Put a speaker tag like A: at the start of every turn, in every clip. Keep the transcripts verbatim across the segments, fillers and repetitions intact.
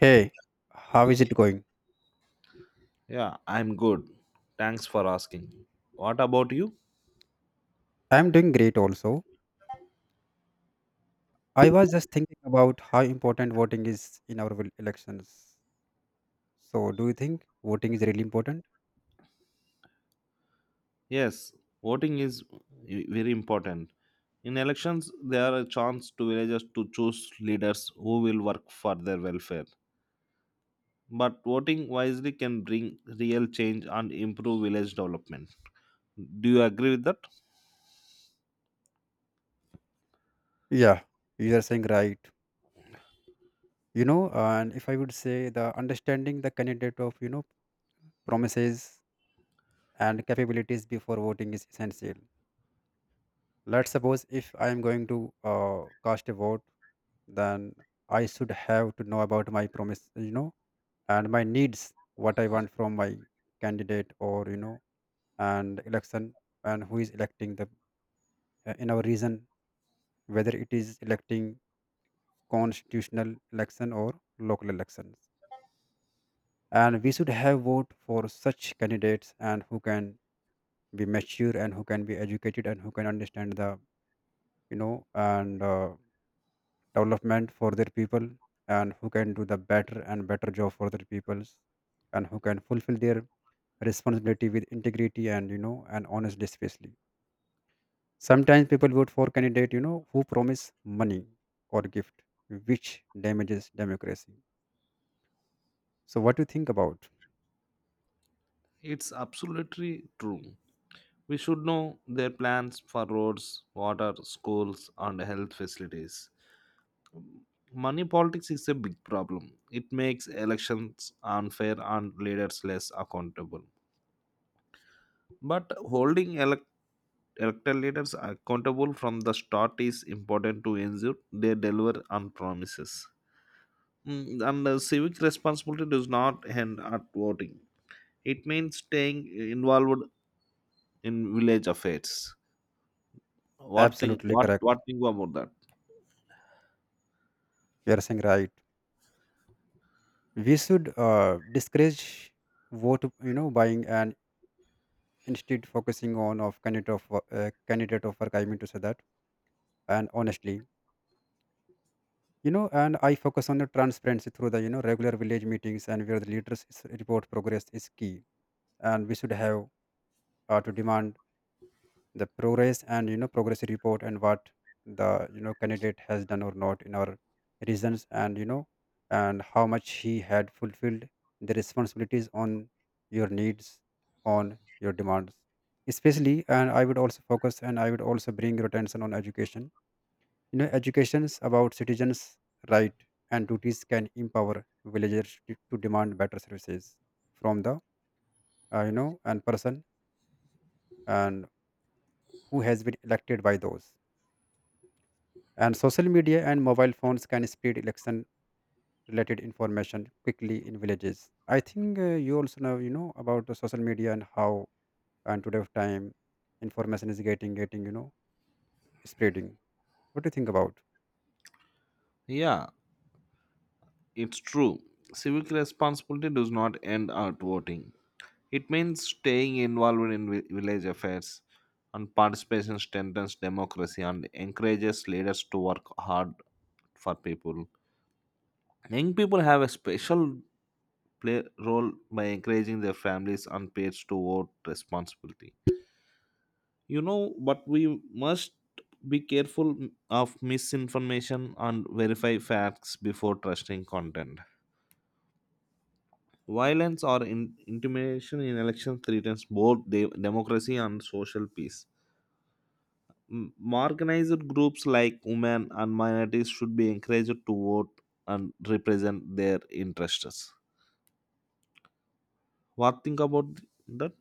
A: Hey, how is it going?
B: Yeah, I'm good. Thanks for asking. What about you?
A: I'm doing great also. I was just thinking about how important voting is in our vil- elections. So, do you think voting is really important?
B: Yes, voting is very important. In elections, there are a chance to villagers to choose leaders who will work for their welfare. But voting wisely can bring real change and improve village development. Do you agree with that?
A: Yeah, you are saying right. You know, and if I would say the understanding the candidate of, you know, promises and capabilities before voting is essential. Let's suppose if I am going to uh, cast a vote, then I should have to know about my promise, you know, and my needs what I want from my candidate or you know and election and who is electing the uh, in our region, whether it is electing constitutional election or local elections, and we should have vote for such candidates and who can be mature and who can be educated and who can understand the you know and uh, development for their people, and who can do the better and better job for their peoples, and who can fulfill their responsibility with integrity and you know and honesty. Especially sometimes people vote for candidate you know who promise money or gift, which damages democracy. So what do you think about?
B: It's absolutely true. We should know their plans for roads, water, schools, and health facilities. Money politics is a big problem. It makes elections unfair and leaders less accountable. But holding elect elected leaders accountable from the start is important to ensure they deliver on promises. Mm, And uh, civic responsibility does not end at voting. It means staying involved in village affairs. What think?
A: Absolutely
B: What
A: correct,
B: what think about that?
A: you are saying right. We should uh, discourage vote you know buying, and instead focusing on of candidate of wo- uh, candidate of work, I mean to say that, and honestly, you know and I focus on the transparency through the you know regular village meetings, and where the leaders is- report progress is key. And we should have uh, to demand the progress and you know progress report and what the you know candidate has done or not in our reasons, and you know and how much he had fulfilled the responsibilities on your needs, on your demands especially. And I would also focus and I would also bring your attention on education, you know educations about citizens, right and duties can empower villagers to, to demand better services from the uh, you know and person and who has been elected by those. And social media and mobile phones can spread election related information quickly in villages. I think uh, you also know, you know, about the social media and how and today of time information is getting, getting, you know, spreading. What do you think about?
B: Yeah, it's true. Civic responsibility does not end at voting. It means staying involved in vi- village affairs, and participation strengthens democracy and encourages leaders to work hard for people. Young people have a special play role by encouraging their families and peers to vote responsibly. You know, but we must be careful of misinformation and verify facts before trusting content. Violence or in- intimidation in elections threatens both de- democracy and social peace. M- Marginalized groups like women and minorities should be encouraged to vote and represent their interests. What think about that?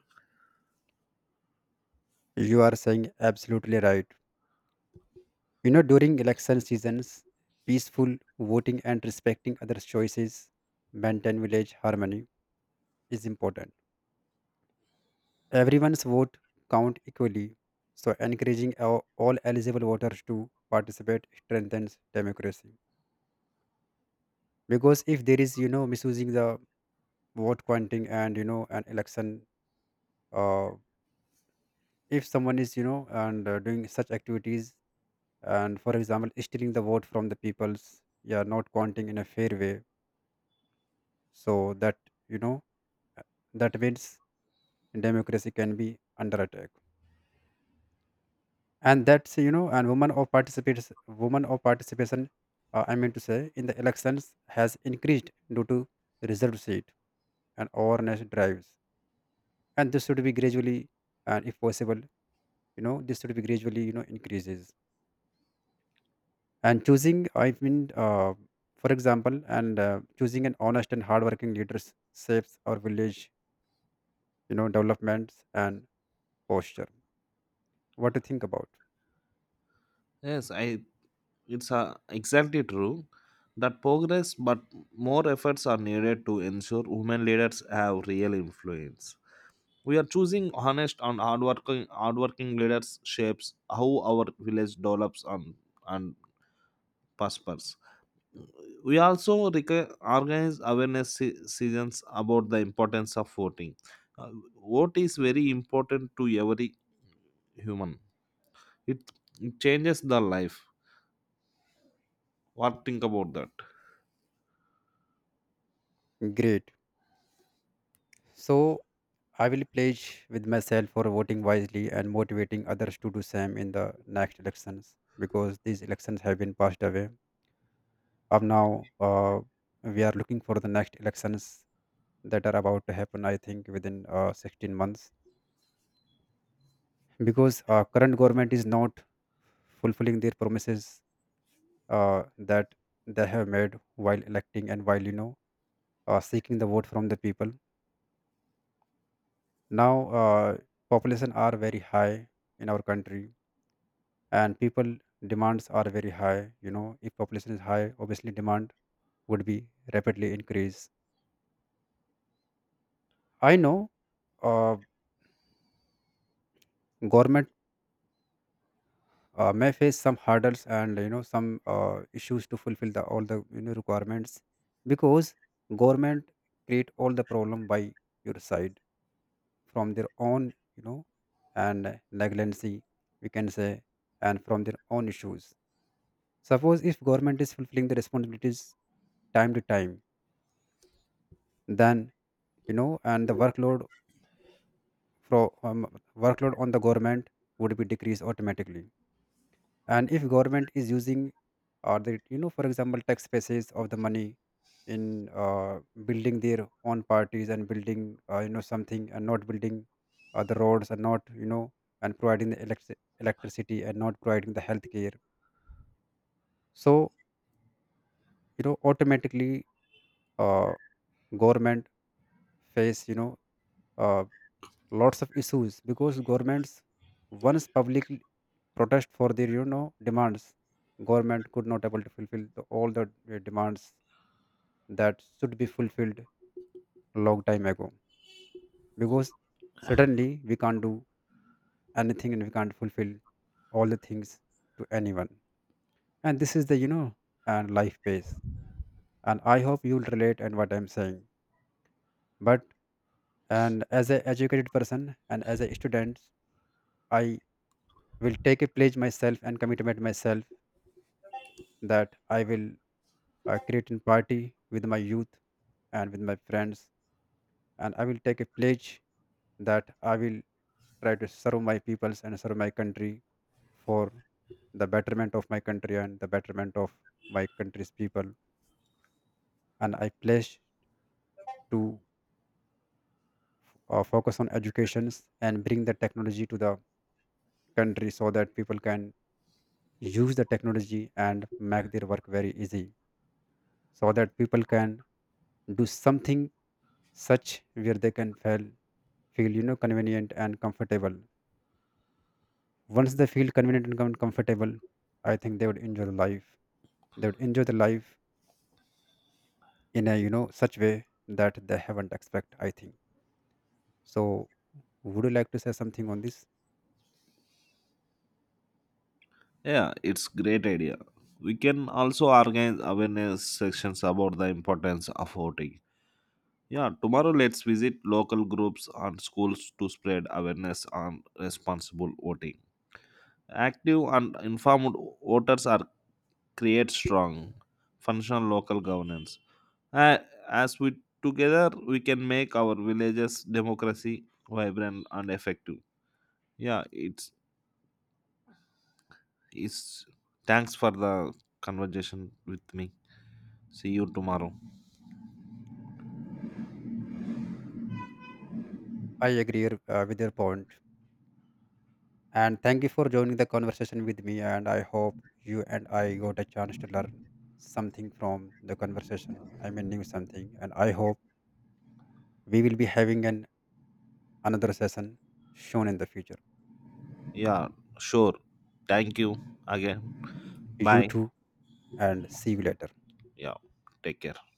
A: You are saying absolutely right. You know, during election seasons, peaceful voting and respecting others' choices, maintain village harmony is important. Everyone's vote count equally, so encouraging all all eligible voters to participate strengthens democracy. Because if there is, you know, misusing the vote counting and you know an election, uh, if someone is, you know, and uh, doing such activities, and for example, stealing the vote from the people's, yeah, not counting in a fair way, so that, you know, uh, that means democracy can be under attack. And that's, you know and women of participation women of participation uh, I mean to say, in the elections has increased due to reserved seat and awareness drives, and this should be gradually, and if possible, you know this should be gradually you know increases. And choosing, i mean uh, for example, and uh, choosing an honest and hardworking leaders saves our village, you know developments and posture. What do you think about?
B: Yes, I it's uh, exactly true that progress, but more efforts are needed to ensure women leaders have real influence. We are choosing honest and hardworking, hardworking leaders shapes how our village develops and, and prospers. We also rec- organize awareness se- sessions about the importance of voting. Uh, Vote is very important to every human. It, it changes the life. What think about that?
A: Great. So I will pledge with myself for voting wisely and motivating others to do same in the next elections, because these elections have been passed away. Up now, uh, we are looking for the next elections that are about to happen. I think within uh, sixteen months, because uh, current government is not fulfilling their promises, uh, that they have made while electing and while you know uh, seeking the vote from the people. Now, uh, population are very high in our country, and people demands are very high. You know, if population is high, obviously demand would be rapidly increase. I know, uh, government uh, may face some hurdles and you know some uh, issues to fulfill the all the you know requirements, because government create all the problem by your side, from their own, you know and negligence we can say, and from their own issues. Suppose if government is fulfilling the responsibilities time to time, then, you know and the workload from um, workload on the government would be decreased automatically. And if government is using or the, you know for example, tax bases of the money in uh, building their own parties and building uh, you know something, and not building uh, the roads, and not you know and providing the electric electricity, and not providing the health care, so, you know automatically uh, government face, you know uh, lots of issues, because governments once publicly protest for their, you know demands, government could not able to fulfill the, all the uh, demands that should be fulfilled long time ago, because suddenly we can't do anything, and we can't fulfill all the things to anyone. And this is the, you know and life pace, and I hope you'll relate and what I'm saying. But, and as an educated person and as a student, I will take a pledge myself and commitment myself that I will uh, create a party with my youth and with my friends, and I will take a pledge that I will try to serve my peoples and serve my country for the betterment of my country and the betterment of my country's people. And I pledge to uh, focus on educations and bring the technology to the country, so that people can use the technology and make their work very easy, so that people can do something such where they can fail feel, you know convenient and comfortable. Once they feel convenient and com- comfortable, I think they would enjoy the life, they would enjoy the life in a, you know such way that they haven't expect, I think. So would you like to say something on this?
B: Yeah, it's great idea. We can also organize awareness sections about the importance of voting. Yeah, tomorrow let's visit local groups and schools to spread awareness on responsible voting. Active and informed voters are create strong, functional local governance. Uh, as we together we can make our villages democracy vibrant and effective. Yeah, it's it's thanks for the conversation with me. See you tomorrow.
A: I agree your- uh, with your point, and thank you for joining the conversation with me, and I hope you and I got a chance to learn something from the conversation, I mean new something, and I hope we will be having an another session shown in the future.
B: Yeah, sure. Thank you again.
A: You
B: Bye.
A: too, and see you later.
B: Yeah, take care.